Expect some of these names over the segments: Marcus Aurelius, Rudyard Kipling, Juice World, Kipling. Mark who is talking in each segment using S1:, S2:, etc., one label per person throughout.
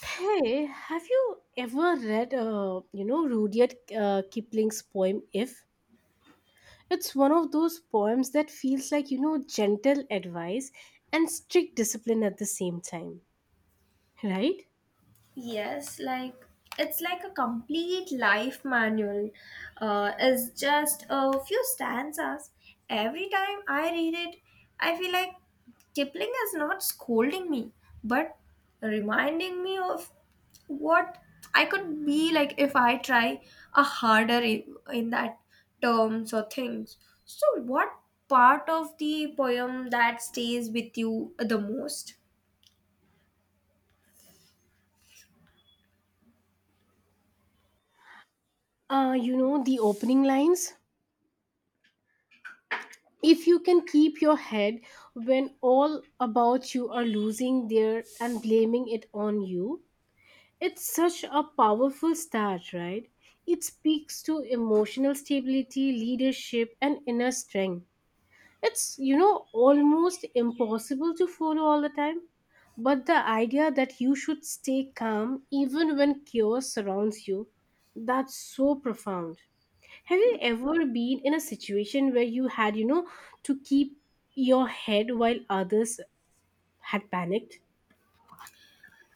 S1: Hey, have you ever read, Rudyard Kipling's poem If? It's one of those poems that feels like gentle advice and strict discipline at the same time, right?
S2: Yes, like it's like a complete life manual. It's just a few stanzas. Every time I read it, I feel like Kipling is not scolding me, but reminding me of what I could be like if I try a in that terms or things. So, what part of the poem that stays with you the most?
S1: The opening lines: "If you can keep your head when all about you are losing their and blaming it on you," it's such a powerful start, right? It speaks to emotional stability, leadership, and inner strength. It's almost impossible to follow all the time. But the idea that you should stay calm even when chaos surrounds you, that's so profound. Have you ever been in a situation where you had to keep your head while others had panicked?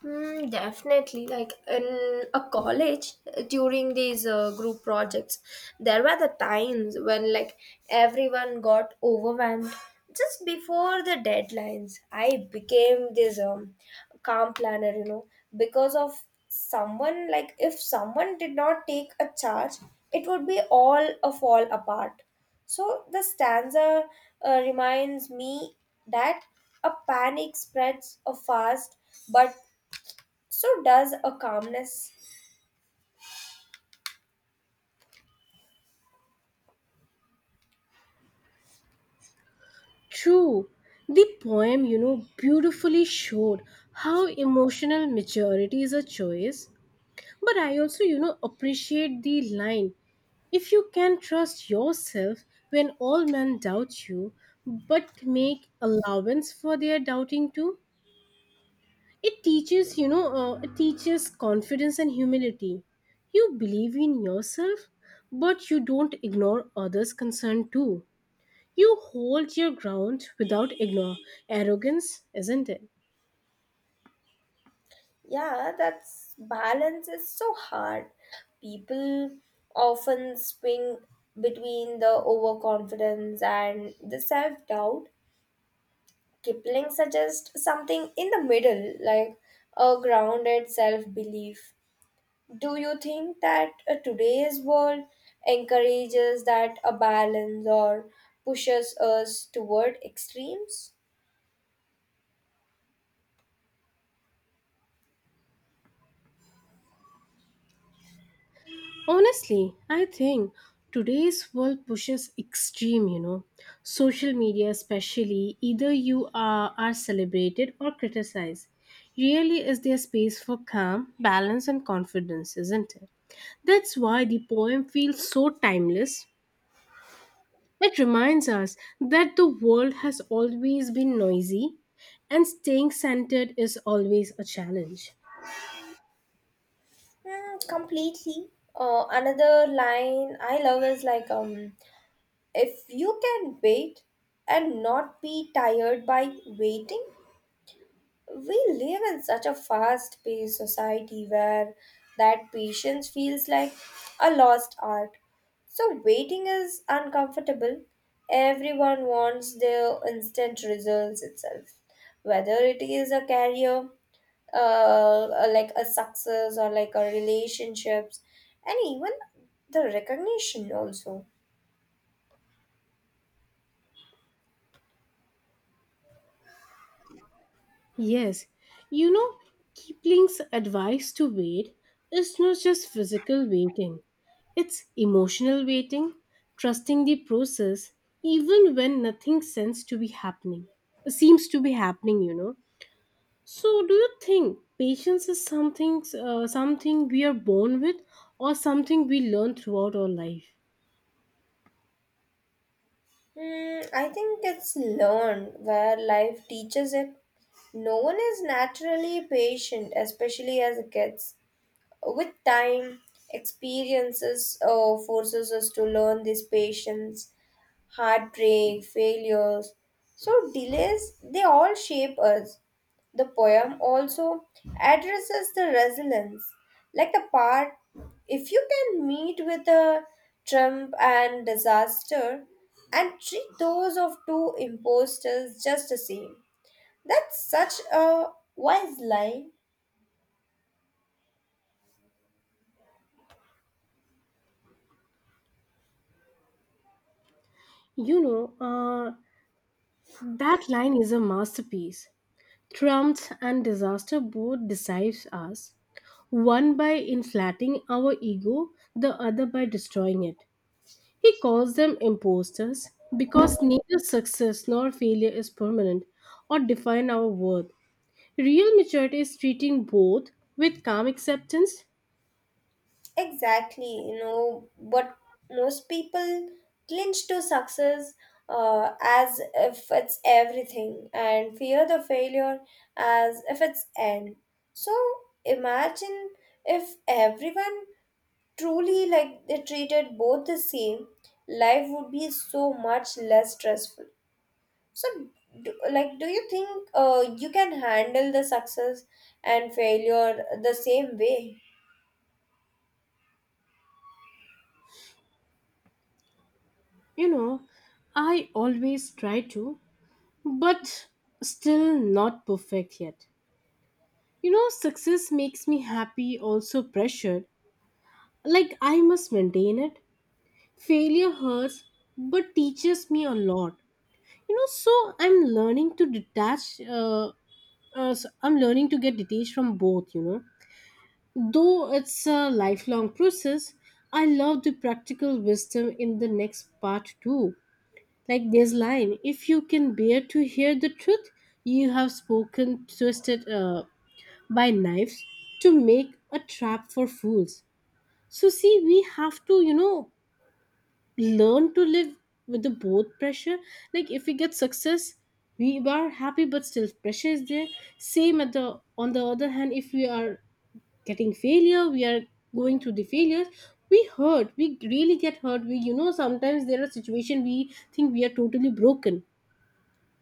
S2: Mm, definitely. Like in a college, during these group projects, there were the times when like everyone got overwhelmed just before the deadlines. I became this calm planner, you know, because of someone like if someone did not take a charge, it would be all a fall apart. So the stanza reminds me that a panic spreads a fast but so does a calmness.
S1: True. The poem beautifully showed how emotional maturity is a choice. But I also appreciate the line "If you can trust yourself when all men doubt you, but make allowance for their doubting too." It teaches confidence and humility. You believe in yourself, but you don't ignore others' concern too. You hold your ground without ignore arrogance, isn't it?
S2: Yeah, that's balance is so hard. People often swing between the overconfidence and the self doubt. Kipling suggests something in the middle, like a grounded self belief. Do you think that today's world encourages that a balance or pushes us toward extremes?
S1: Honestly, I think today's world pushes extreme. Social media, especially, either you are celebrated or criticized. Really, is there space for calm, balance, and confidence, isn't it? That's why the poem feels so timeless. It reminds us that the world has always been noisy and staying centered is always a challenge.
S2: Hmm, completely. Another line I love is like, if you can wait and not be tired by waiting, we live in such a fast paced society where that patience feels like a lost art. So, waiting is uncomfortable. Everyone wants their instant results itself, whether it is a career, uh, like a success, or like a relationships, and even the recognition also.
S1: Yes, you know, Kipling's advice to wait is not just physical waiting, it's emotional waiting, trusting the process even when nothing seems to be happening. Seems to be happening. So, do you think patience is something we are born with or something we learn throughout our life?
S2: Hmm, I think it's learned where life teaches it. No one is naturally patient, especially as kids. With time, experiences forces us to learn this patience, heartbreak, failures. So delays, they all shape us. The poem also addresses the resilience, like the part if you can meet with a trump and disaster and treat those of two imposters just the same. That's such a wise line.
S1: You know, uh, that line is a masterpiece. Trumps and disaster both deceive us, one by inflating our ego, the other by destroying it. He calls them imposters because neither success nor failure is permanent or define our worth. Real maturity is treating both with calm acceptance.
S2: Exactly, you know, but most people clinch to success as if it's everything and fear the failure as if it's end. So imagine if everyone truly like they treated both the same, life would be so much less stressful. So, do, like, do you think you can handle the success and failure the same way?
S1: You know, I always try to, but still not perfect yet. Success makes me happy, also pressured. Like I must maintain it. Failure hurts, but teaches me a lot. So I'm learning to detach. I'm learning to get detached from both. Though it's a lifelong process. I love the practical wisdom in the next part too. Like this line: "If you can bear to hear the truth, you have spoken twisted by knives to make a trap for fools." So see, we have to, learn to live with the both pressure. Like if we get success we are happy, but still pressure is there, same at the on the other hand. If we are getting failure we are going through the failures. We really get hurt. We you know sometimes there are situation we think we are totally broken,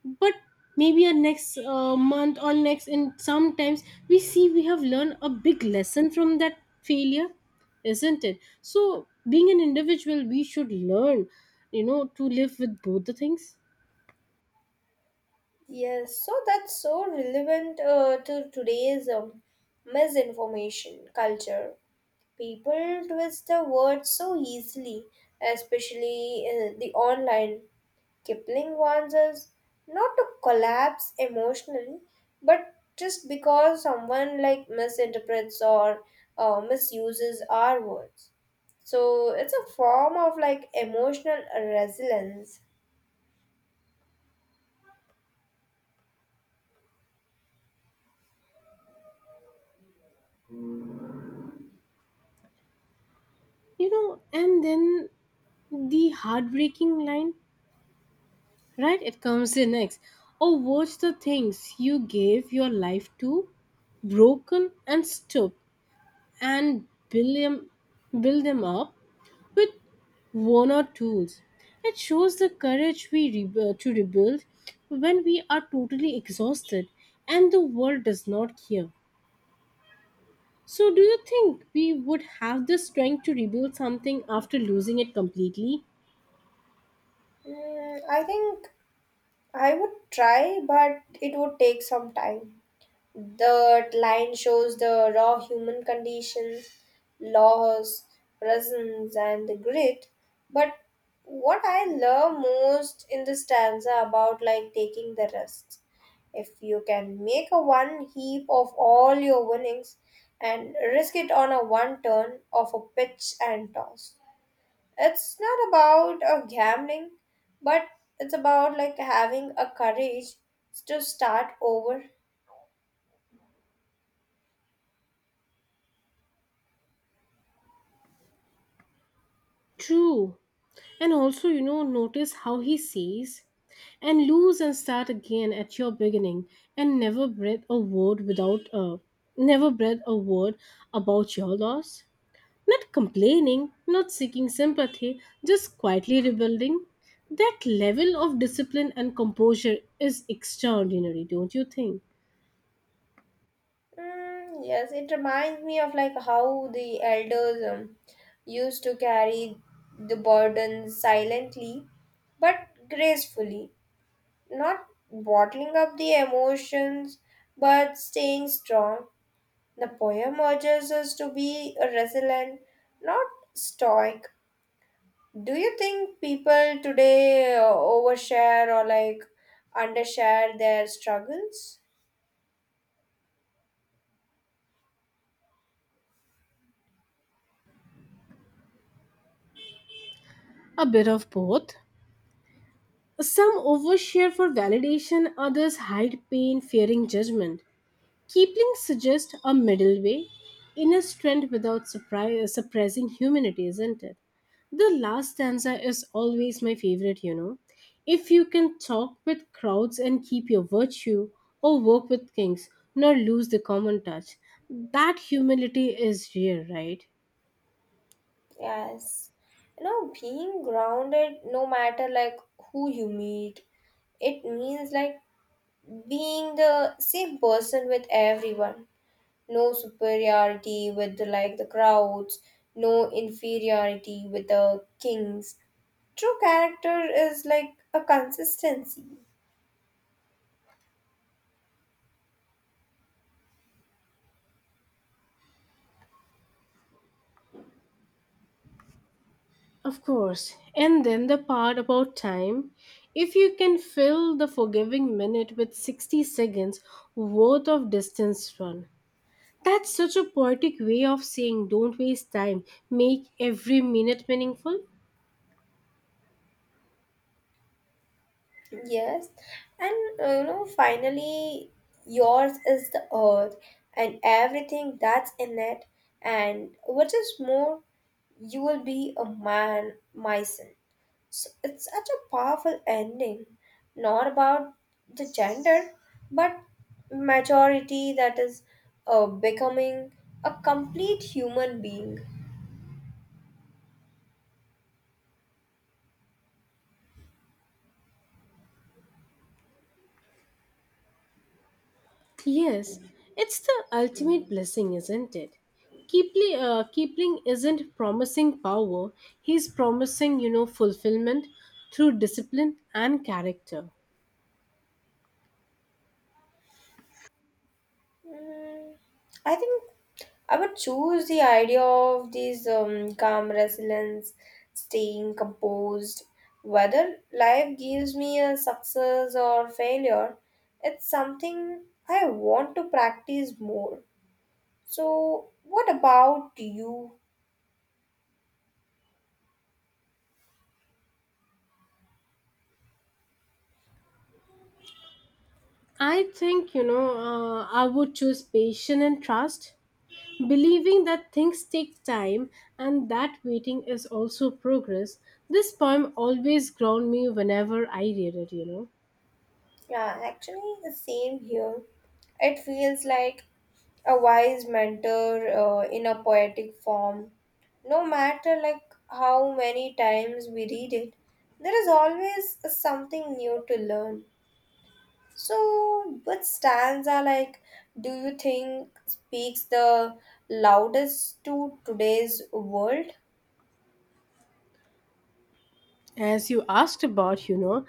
S1: but maybe our next month or next, and sometimes we see we have learned a big lesson from that failure, isn't it? So being an individual we should learn, to live with both the things.
S2: Yes, so that's so relevant to today's misinformation culture. People twist the words so easily, especially in the online. Kipling warns us not to collapse emotionally, but just because someone like misinterprets or misuses our words. So it's a form of like emotional resilience.
S1: And then the heartbreaking line, right? It comes in next. Oh, watch the things you gave your life to broken and stoop, and build them up with worn-out tools. It shows the courage to rebuild when we are totally exhausted and the world does not care. So, do you think we would have the strength to rebuild something after losing it completely?
S2: Mm, I think I would try, but it would take some time. The line shows the raw human condition, loss, presence, and the grit. But what I love most in the stanza about like taking the risks. If you can make a one heap of all your winnings and risk it on a one turn of a pitch and toss, it's not about gambling but it's about like having a courage to start over.
S1: True. And also notice how he says, "and lose and start again at your beginning, and never breathe a word without a, never breathe a word about your loss." Not complaining, not seeking sympathy, just quietly rebuilding. That level of discipline and composure is extraordinary, don't you think?
S2: Mm, yes, it reminds me of like how the elders used to carry the burden silently but gracefully, not bottling up the emotions but staying strong. The poem urges us to be resilient, not stoic. Do you think people today overshare or like undershare their struggles?
S1: A bit of both. Some overshare for validation, others hide pain, fearing judgment. Kipling suggests a middle way, inner strength without suppressing humanity, isn't it? The last stanza is always my favorite. If you can talk with crowds and keep your virtue, or work with kings, nor lose the common touch, that humility is rare, right?
S2: Yes. You know, being grounded no matter like who you meet, it means like being the same person with everyone. No superiority with the, like the crowds, no inferiority with the kings. True character is like a consistency.
S1: Of course. And then the part about time. "If you can fill the forgiving minute with 60 seconds worth of distance run." That's such a poetic way of saying, don't waste time, make every minute meaningful.
S2: Yes, and you know, finally, yours is the earth and everything that's in it, and what is more, you will be a man, my son. So it's such a powerful ending, not about the gender, but majority that is becoming a complete human being.
S1: Yes, it's the ultimate blessing, isn't it? Kipling isn't promising power, he's promising fulfillment through discipline and character.
S2: Mm, I think I would choose the idea of these calm resilience, staying composed. Whether life gives me a success or failure, it's something I want to practice more. So, what about you?
S1: I think, I would choose patience and trust, believing that things take time and that waiting is also progress. This poem always ground me whenever I read it.
S2: Yeah, actually, the same here. It feels like a wise mentor in a poetic form, no matter like how many times we read it, there is always something new to learn. So which stanza like do you think speaks the loudest to today's world?
S1: As you asked about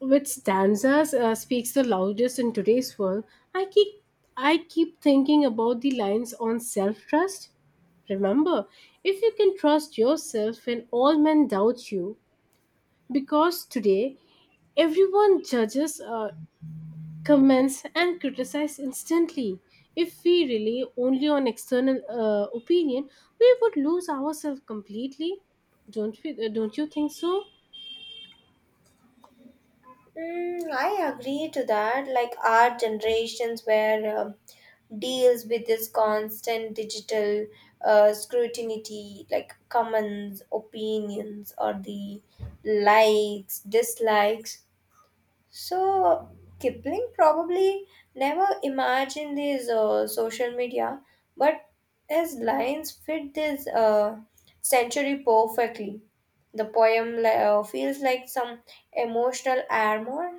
S1: which stanzas speaks the loudest in today's world, I keep I keep thinking about the lines on self-trust. Remember, "if you can trust yourself when all men doubt you," because today everyone judges comments and criticize instantly. If we rely only on external opinion, we would lose ourselves completely. Don't you think so?
S2: Mm, I agree to that. Like our generations where deals with this constant digital scrutiny, like comments, opinions, or the likes, dislikes. So Kipling probably never imagined his social media, but his lines fit this century perfectly. The poem feels like some emotional armor.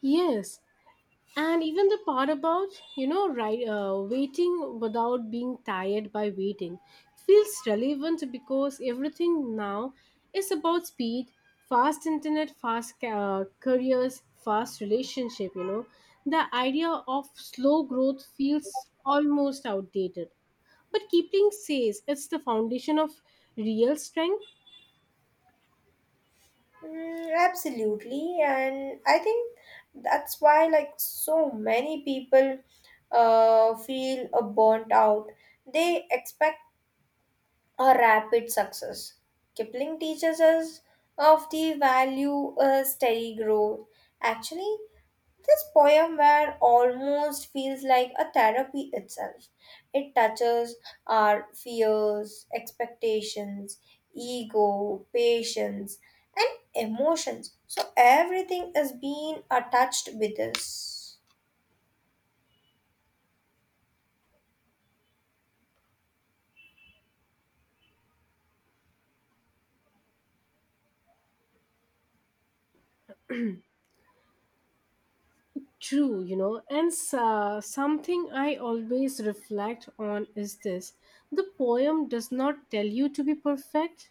S1: Yes. And even the part about right, waiting without being tired by waiting feels relevant because everything now is about speed, fast internet, fast careers, fast relationship. The idea of slow growth feels almost outdated. But Kipling says it's the foundation of real strength.
S2: Mm, absolutely, and I think that's why like so many people feel burnt out. They expect a rapid success. Kipling teaches us of the value of steady growth. Actually, this poem where almost feels like a therapy itself. It touches our fears, expectations, ego, patience, and emotions. So everything is being touched with us.
S1: True. And something I always reflect on is this: the poem does not tell you to be perfect,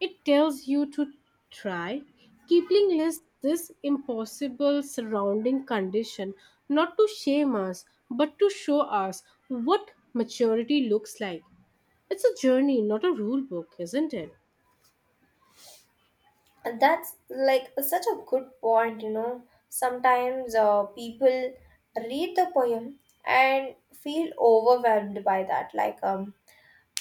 S1: it tells you to try. Kipling lists this impossible surrounding condition not to shame us, but to show us what maturity looks like. It's a journey, not a rule book, isn't it?
S2: And that's like such a good point, you know. Sometimes people read the poem and feel overwhelmed by that. Like,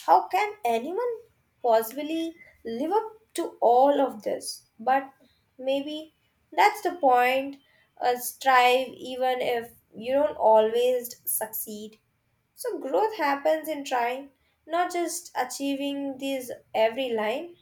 S2: how can anyone possibly live up to all of this? But maybe that's the point. Strive even if you don't always succeed. So, growth happens in trying, not just achieving these every line.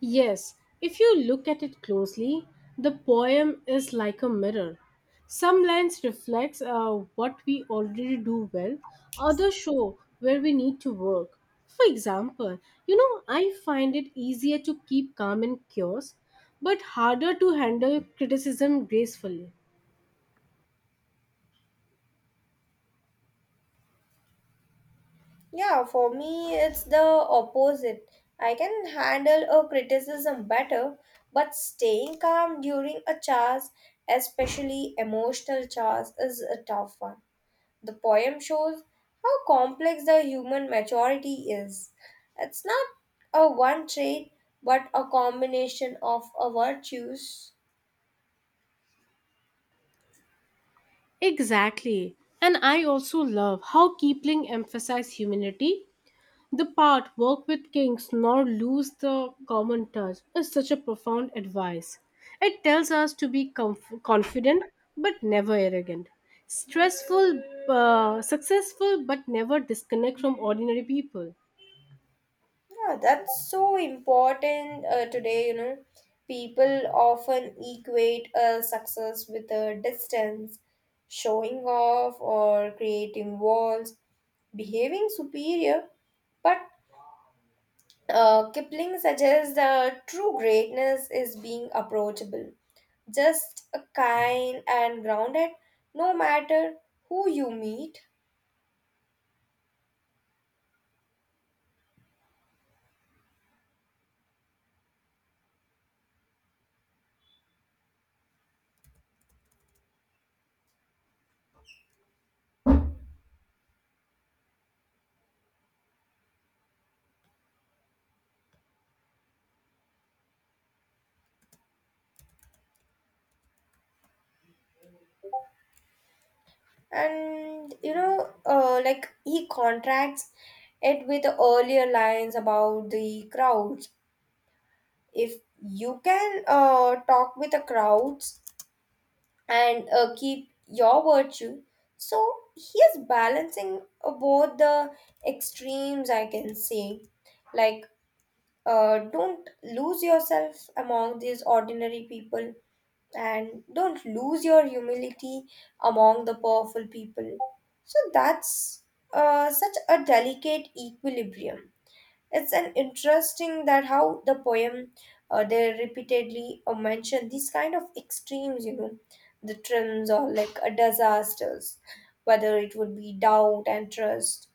S1: Yes, if you look at it closely, the poem is like a mirror. Some lines reflects what we already do well, others show where we need to work. For example, I find it easier to keep calm in chaos, but harder to handle criticism gracefully.
S2: Yeah, for me, it's the opposite. I can handle a criticism better, but staying calm during a charge, especially emotional charge, is a tough one. The poem shows how complex the human maturity is. It's not a one trait, but a combination of a virtues.
S1: Exactly. And I also love how Kipling emphasized humility. The part "work with kings nor lose the common touch" is such a profound advice. It tells us to be confident but never arrogant, stressful, successful but never disconnect from ordinary people.
S2: Yeah, that's so important today, you know. People often equate success with a distance, showing off or creating walls, behaving superior. But Kipling suggests that true greatness is being approachable, just a kind and grounded, no matter who you meet. And you know like he contracts it with the earlier lines about the crowds. If you can talk with the crowds and keep your virtue, so he is balancing both the extremes, I can say, like don't lose yourself among these ordinary people and don't lose your humility among the powerful people. So that's such a delicate equilibrium. It's an interesting that how the poem they repeatedly mention these kind of extremes, you know, the trims or like disasters, whether it would be doubt and trust,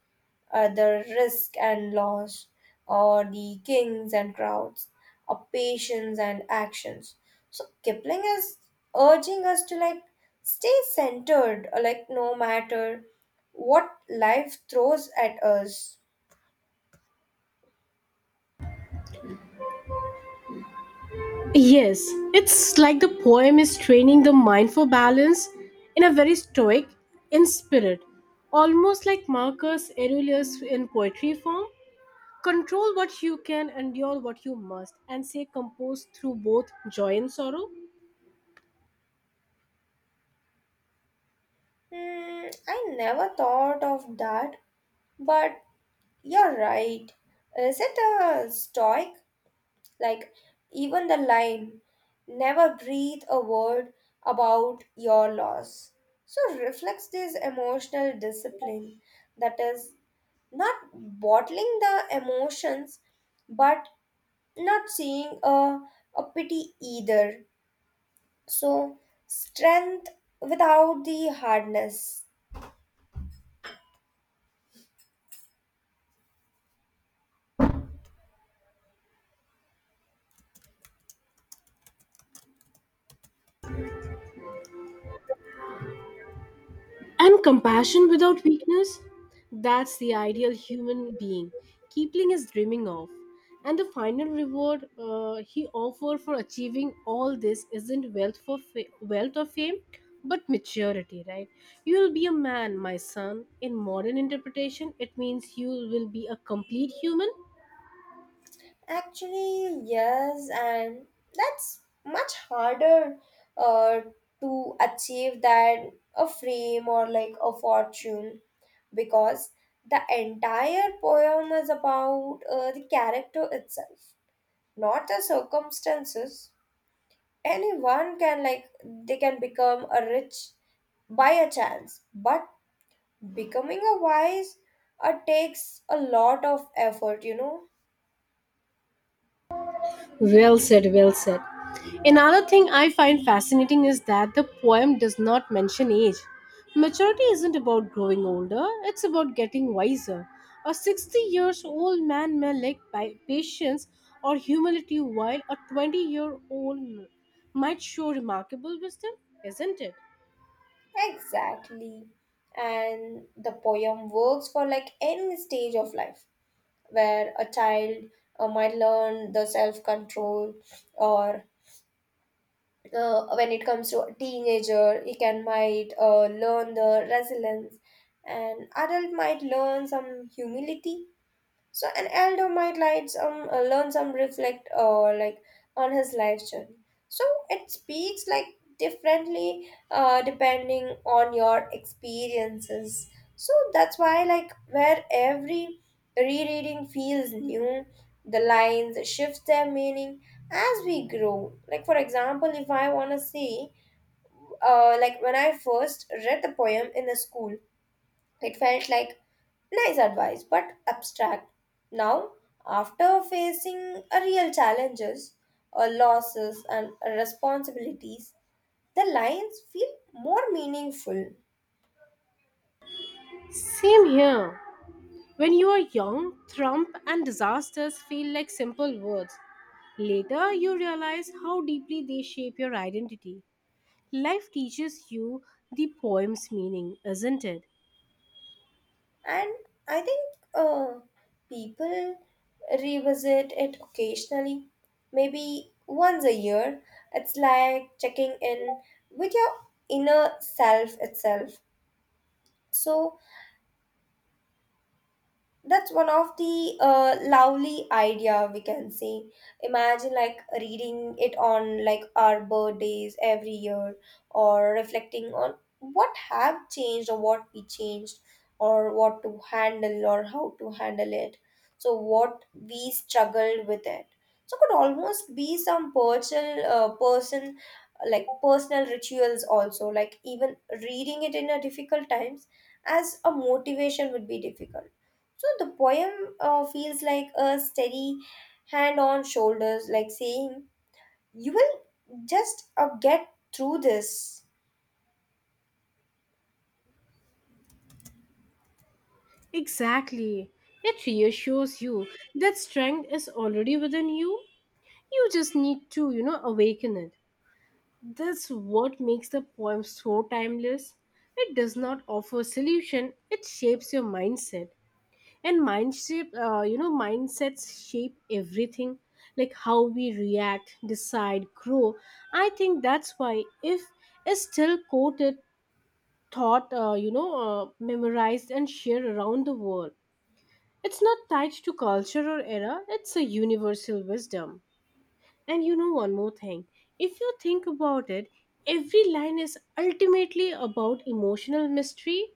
S2: the risk and loss, or the kings and crowds, or patience and actions. So Kipling is urging us to like stay centered, like no matter what life throws at us.
S1: Yes, it's like the poem is training the mind for balance in a very stoic in spirit, almost like Marcus Aurelius in poetry form. Control what you can, endure what you must, and stay composed through both joy and sorrow.
S2: Hmm, I never thought of that, but you're right. Is it a stoic? Like, even the line, never breathe a word about your loss. So, reflects this emotional discipline that is not bottling the emotions but not seeing a pity either. So, strength without the hardness.
S1: And compassion without weakness? That's the ideal human being Keepling is dreaming of. And the final reward he offers for achieving all this isn't wealth or fame, but maturity, right? "You will be a man, my son." In modern interpretation, it means you will be a complete human.
S2: Actually, yes, and that's much harder uh, to achieve than a fame or like a fortune, because the entire poem is about the character itself, not the circumstances. Anyone can like they can become a rich by a chance, but becoming a wise takes a lot of effort, you know.
S1: Well said, well said. Another thing I find fascinating is that the poem does not mention age. Maturity isn't about growing older, it's about getting wiser. A 60 years old man may lack by patience or humility, while a 20-year-old might show remarkable wisdom, isn't it?
S2: Exactly. And the poem works for like any stage of life where a child might learn the self control, or when it comes to a teenager, he can might learn the resilience, and adult might learn some humility, so an elder might light some, learn some reflect or like on his life journey. So it speaks like differently depending on your experiences. So that's why like where every rereading feels new, the lines shift their meaning as we grow. Like for example, if I wanna say, like when I first read the poem in the school, it felt like nice advice but abstract. Now, after facing a real challenges, losses, and responsibilities, the lines feel more meaningful.
S1: Same here. When you are young, trump and disasters feel like simple words. Later, you realize how deeply they shape your identity. Life teaches you the poem's meaning, isn't it?
S2: And I think people revisit it occasionally, maybe once a year. It's like checking in with your inner self itself. So, that's one of the lovely idea we can say, imagine like reading it on like our birthdays every year, or reflecting on what have changed or what we changed or what to handle or how to handle it, so what we struggled with it, so could almost be some personal person like personal rituals also, like even reading it in a difficult times as a motivation would be difficult. So the poem feels like a steady hand on shoulders, like saying, you will just get through this.
S1: Exactly. It reassures you that strength is already within you. You just need to awaken it. That's what makes the poem so timeless. It does not offer a solution, it shapes your mindset. And mindsets shape everything, like how we react, decide, grow. I think that's why "If" is still quoted, memorized and shared around the world. It's not tied to culture or era, it's a universal wisdom. And one more thing, if you think about it, every line is ultimately about emotional mystery,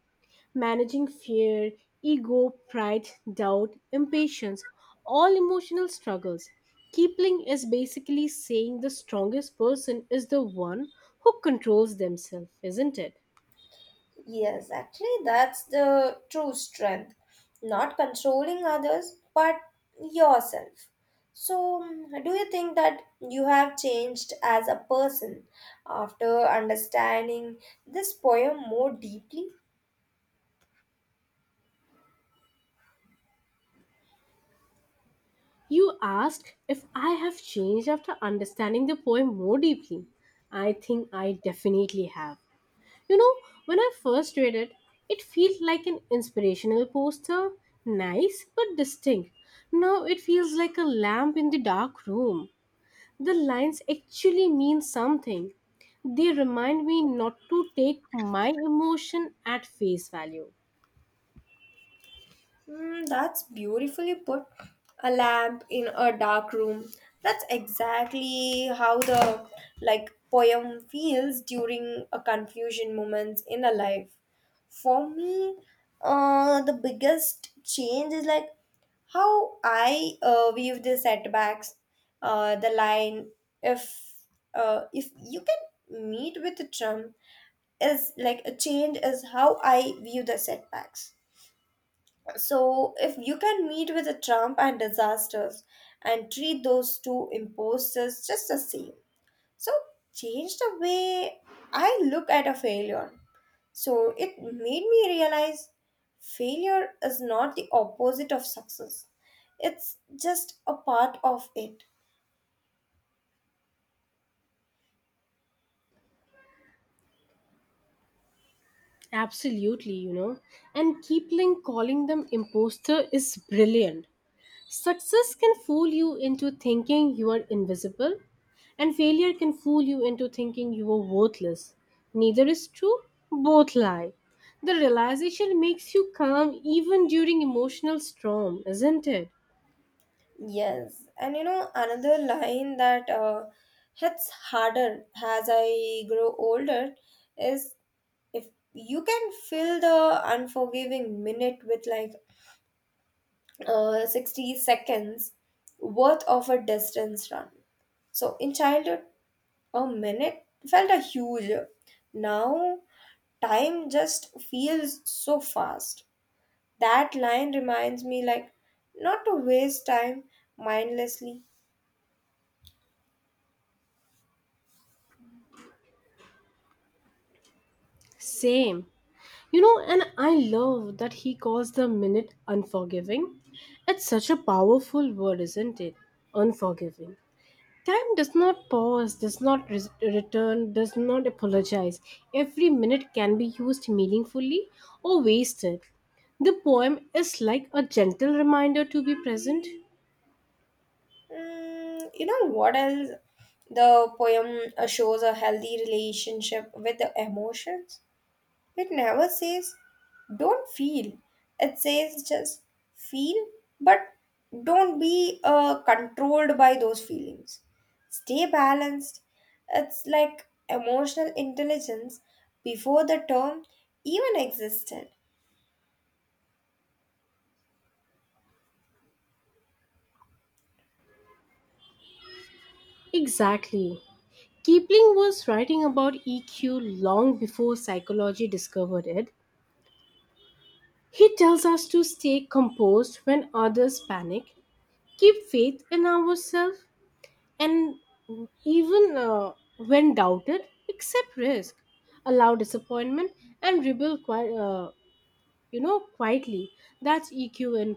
S1: managing fear, ego, pride, doubt, impatience, all emotional struggles. Keepling is basically saying the strongest person is the one who controls themselves, isn't it?
S2: Yes, actually, that's the true strength. Not controlling others, but yourself. So, mm, do you think that you have changed as a person after understanding this poem more deeply?
S1: You asked if I have changed after understanding the poem more deeply. I think I definitely have. You know, when I first read it, it felt like an inspirational poster, nice but distinct. Now it feels like a lamp in the dark room. The lines actually mean something. They remind me not to take my emotion at face value.
S2: Mm, that's beautifully put. A lamp in a dark room. That's exactly how the like poem feels during a confusion moments in a life. For me, the biggest change is like how I view the setbacks. The line if if you can meet with a Trump is like a change is how I view the setbacks. So, if you can meet with a Trump and disasters and treat those two imposters just the same, so change the way I look at a failure. So, it made me realize failure is not the opposite of success, it's just a part of it.
S1: Absolutely. And Kipling calling them imposter is brilliant. Success can fool you into thinking you are invisible, and failure can fool you into thinking you are worthless. Neither is true, both lie. The realization makes you calm even during emotional storm, isn't it?
S2: Yes, and you know, another line that hits harder as I grow older is if you can fill the unforgiving minute with 60 seconds worth of a distance run. So in childhood, a minute felt a huge. Now, time just feels so fast. That line reminds me, like, not to waste time mindlessly.
S1: Same. And I love that he calls the minute unforgiving. It's such a powerful word, isn't it? Unforgiving. Time does not pause, does not return, does not apologize. Every minute can be used meaningfully or wasted. The poem is like a gentle reminder to be present.
S2: Mm, you know what else? The poem shows a healthy relationship with the emotions. It never says, don't feel. It says just feel, but don't be controlled by those feelings. Stay balanced. It's like emotional intelligence before the term even existed.
S1: Exactly. Kipling was writing about EQ long before psychology discovered it. He tells us to stay composed when others panic, keep faith in ourselves, and even when doubted, accept risk, allow disappointment, and rebel quietly. That's EQ in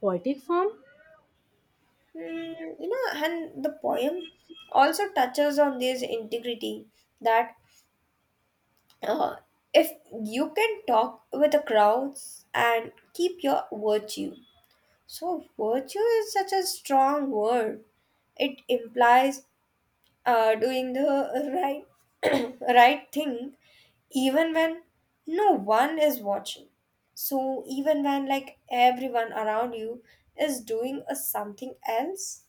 S1: poetic form.
S2: Mm, you know, and the poem also touches on this integrity that Uh, if you can talk with the crowds and keep your virtue. So, virtue is such a strong word. It implies doing the right, right thing even when no one is watching. So, even when like everyone around you is doing a something else.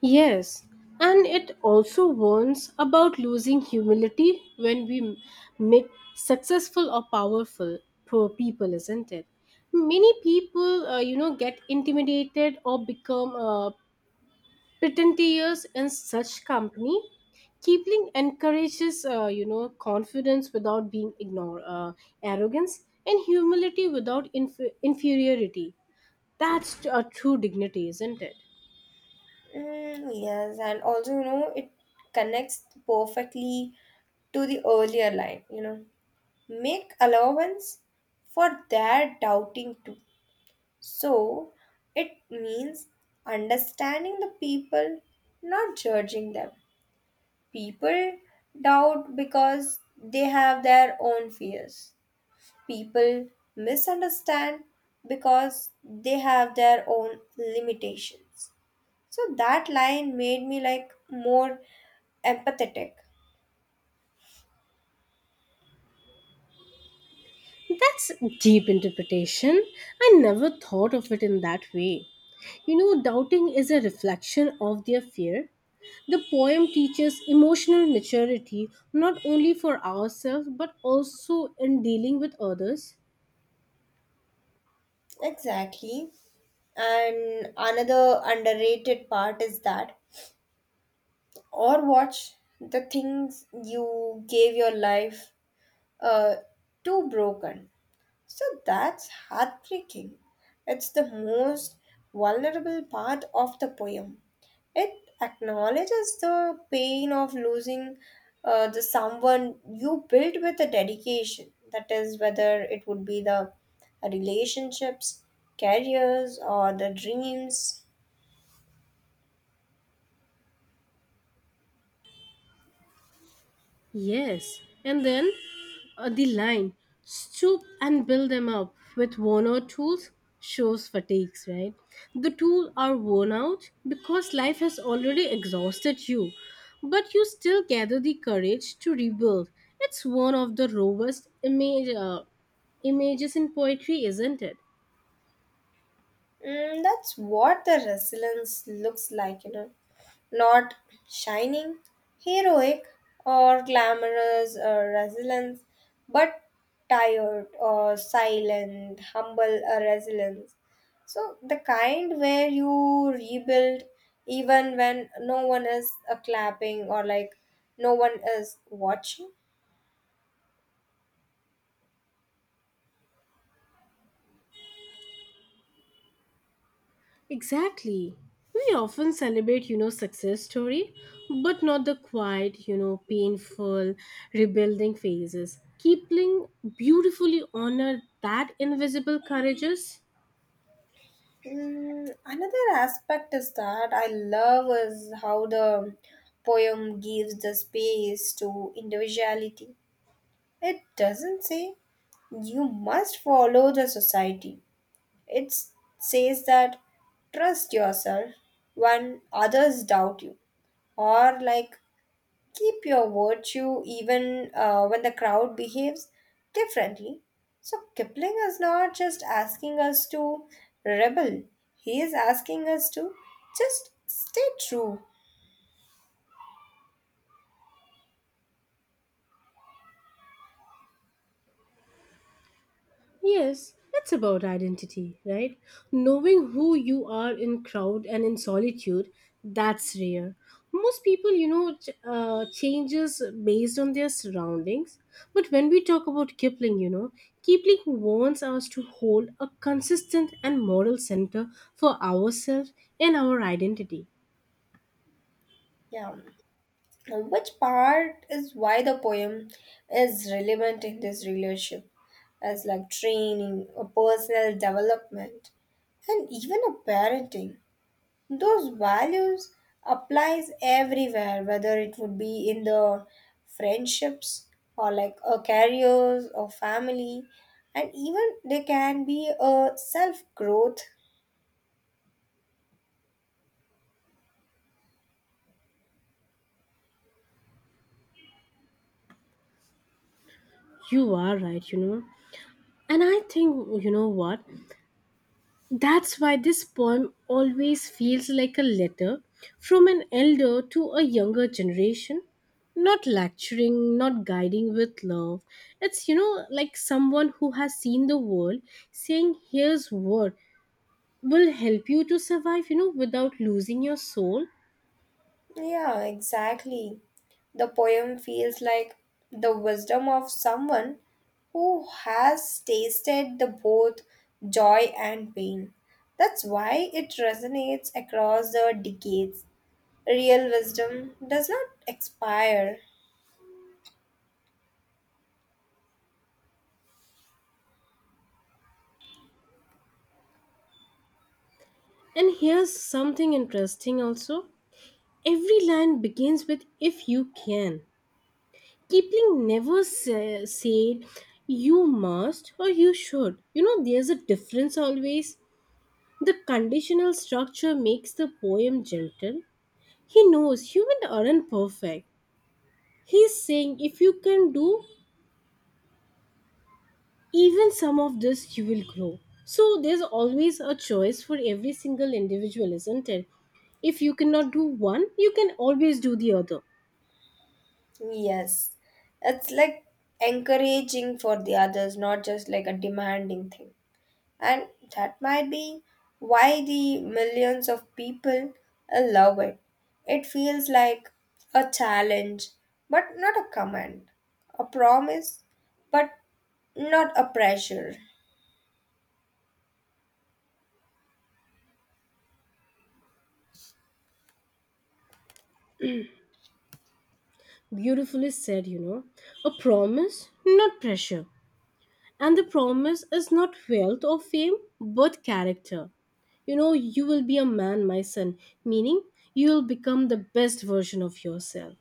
S1: Yes, and it also warns about losing humility when we make successful or powerful poor people, isn't it? Many people get intimidated or become pretentious in such company. Kipling encourages confidence without being ignore, arrogance, and humility without inferiority. That's a true dignity, isn't it?
S2: Mm, yes, and also, you know, it connects perfectly to the earlier line, you know, make allowance for their doubting too. So it means understanding the people, not judging them. People doubt because they have their own fears. People misunderstand because they have their own limitations. So that line made me like more empathetic.
S1: That's deep interpretation. I never thought of it in that way. Doubting is a reflection of their fear. The poem teaches emotional maturity not only for ourselves but also in dealing with others.
S2: Exactly. And another underrated part is that or watch the things you gave your life uh, to broken. So that's heartbreaking. It's the most vulnerable part of the poem. It acknowledges the pain of losing the someone you built with a dedication. That is, whether it would be the relationships, careers, or the dreams.
S1: Yes, and then the line "stoop and build them up with worn out tools" shows fatigues, right? The tools are worn out because life has already exhausted you, but you still gather the courage to rebuild. It's one of the robust images in poetry, isn't it?
S2: Mm, that's what the resilience looks like, you know. Not shining, heroic, or glamorous or resilience, but tired or silent, humble or resilience. So, the kind where you rebuild even when no one is clapping or like no one is watching.
S1: Exactly. We often celebrate success story, but not the quiet, painful rebuilding phases. Keepling beautifully honored that invisible courages.
S2: Mm, another aspect is that I love is how the poem gives the space to individuality. It doesn't say you must follow the society. It says that trust yourself when others doubt you or like keep your virtue even when the crowd behaves differently. So Kipling is not just asking us to rebel, he is asking us to just stay true.
S1: Yes, it's about identity, right? Knowing who you are in crowd and in solitude, that's rare. Most people, changes based on their surroundings. But when we talk about Kipling. Kipling wants us to hold a consistent and moral center for ourselves and our identity.
S2: Yeah. Which part is why the poem is relevant in this relationship? As like training, a personal development, and even a parenting. Those values applies everywhere whether it would be in the friendships or like a careers or family and even they can be a self growth.
S1: You are right. And I think, you know what? That's why this poem always feels like a letter from an elder to a younger generation. Not lecturing, not guiding with love. It's like someone who has seen the world saying, here's what will help you to survive, without losing your soul.
S2: Yeah, exactly, the poem feels like the wisdom of someone who has tasted the both joy and pain, that's why it resonates across the decades. Real wisdom does not expire.
S1: And here's something interesting also. Every line begins with, if you can. Kipling never said you must or you should. There's a difference always. The conditional structure makes the poem gentle. He knows humans aren't perfect. He's saying if you can do even some of this, you will grow. So there's always a choice for every single individual, isn't it? If you cannot do one, you can always do the other.
S2: Yes, it's like encouraging for the others, not just like a demanding thing. And that might be why the millions of people love it. It feels like a challenge, but not a command, a promise, but not a pressure.
S1: Beautifully said. A promise, not pressure. And the promise is not wealth or fame, but character. You will be a man, my son, meaning you will become the best version of yourself.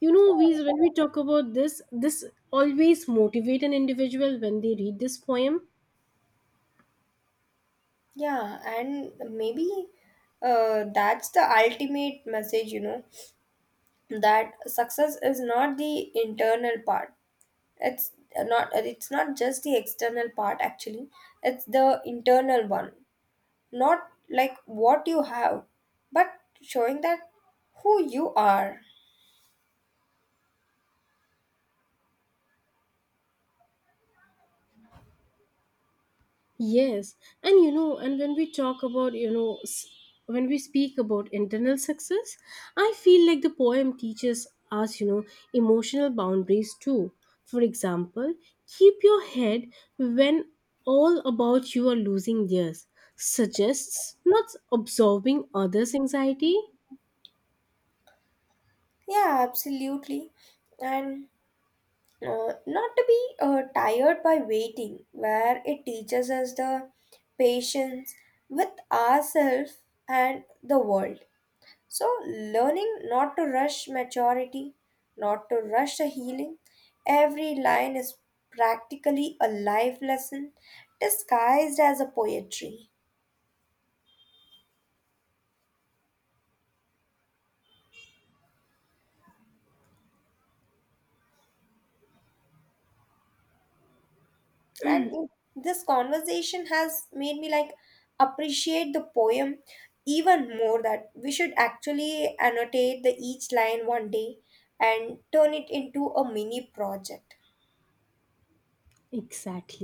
S1: You know, we when we talk about this, this always motivate an individual when they read this poem.
S2: Yeah, and maybe that's the ultimate message, you know. That success is not the internal part, it's not just the external part actually, it's the internal one, not like what you have, but showing that who you are.
S1: Yes, and when we talk about, you know, s- when we speak about internal success, I feel like the poem teaches us emotional boundaries too. For example, "keep your head when all about you are losing theirs" suggests not absorbing others' anxiety.
S2: Yeah, absolutely, and not to be tired by waiting where it teaches us the patience with ourselves and the world. So, learning not to rush maturity, not to rush a healing, every line is practically a life lesson disguised as a poetry. And it- this conversation has made me like appreciate the poem even more that we should actually annotate the each line one day and turn it into a mini project.
S1: Exactly.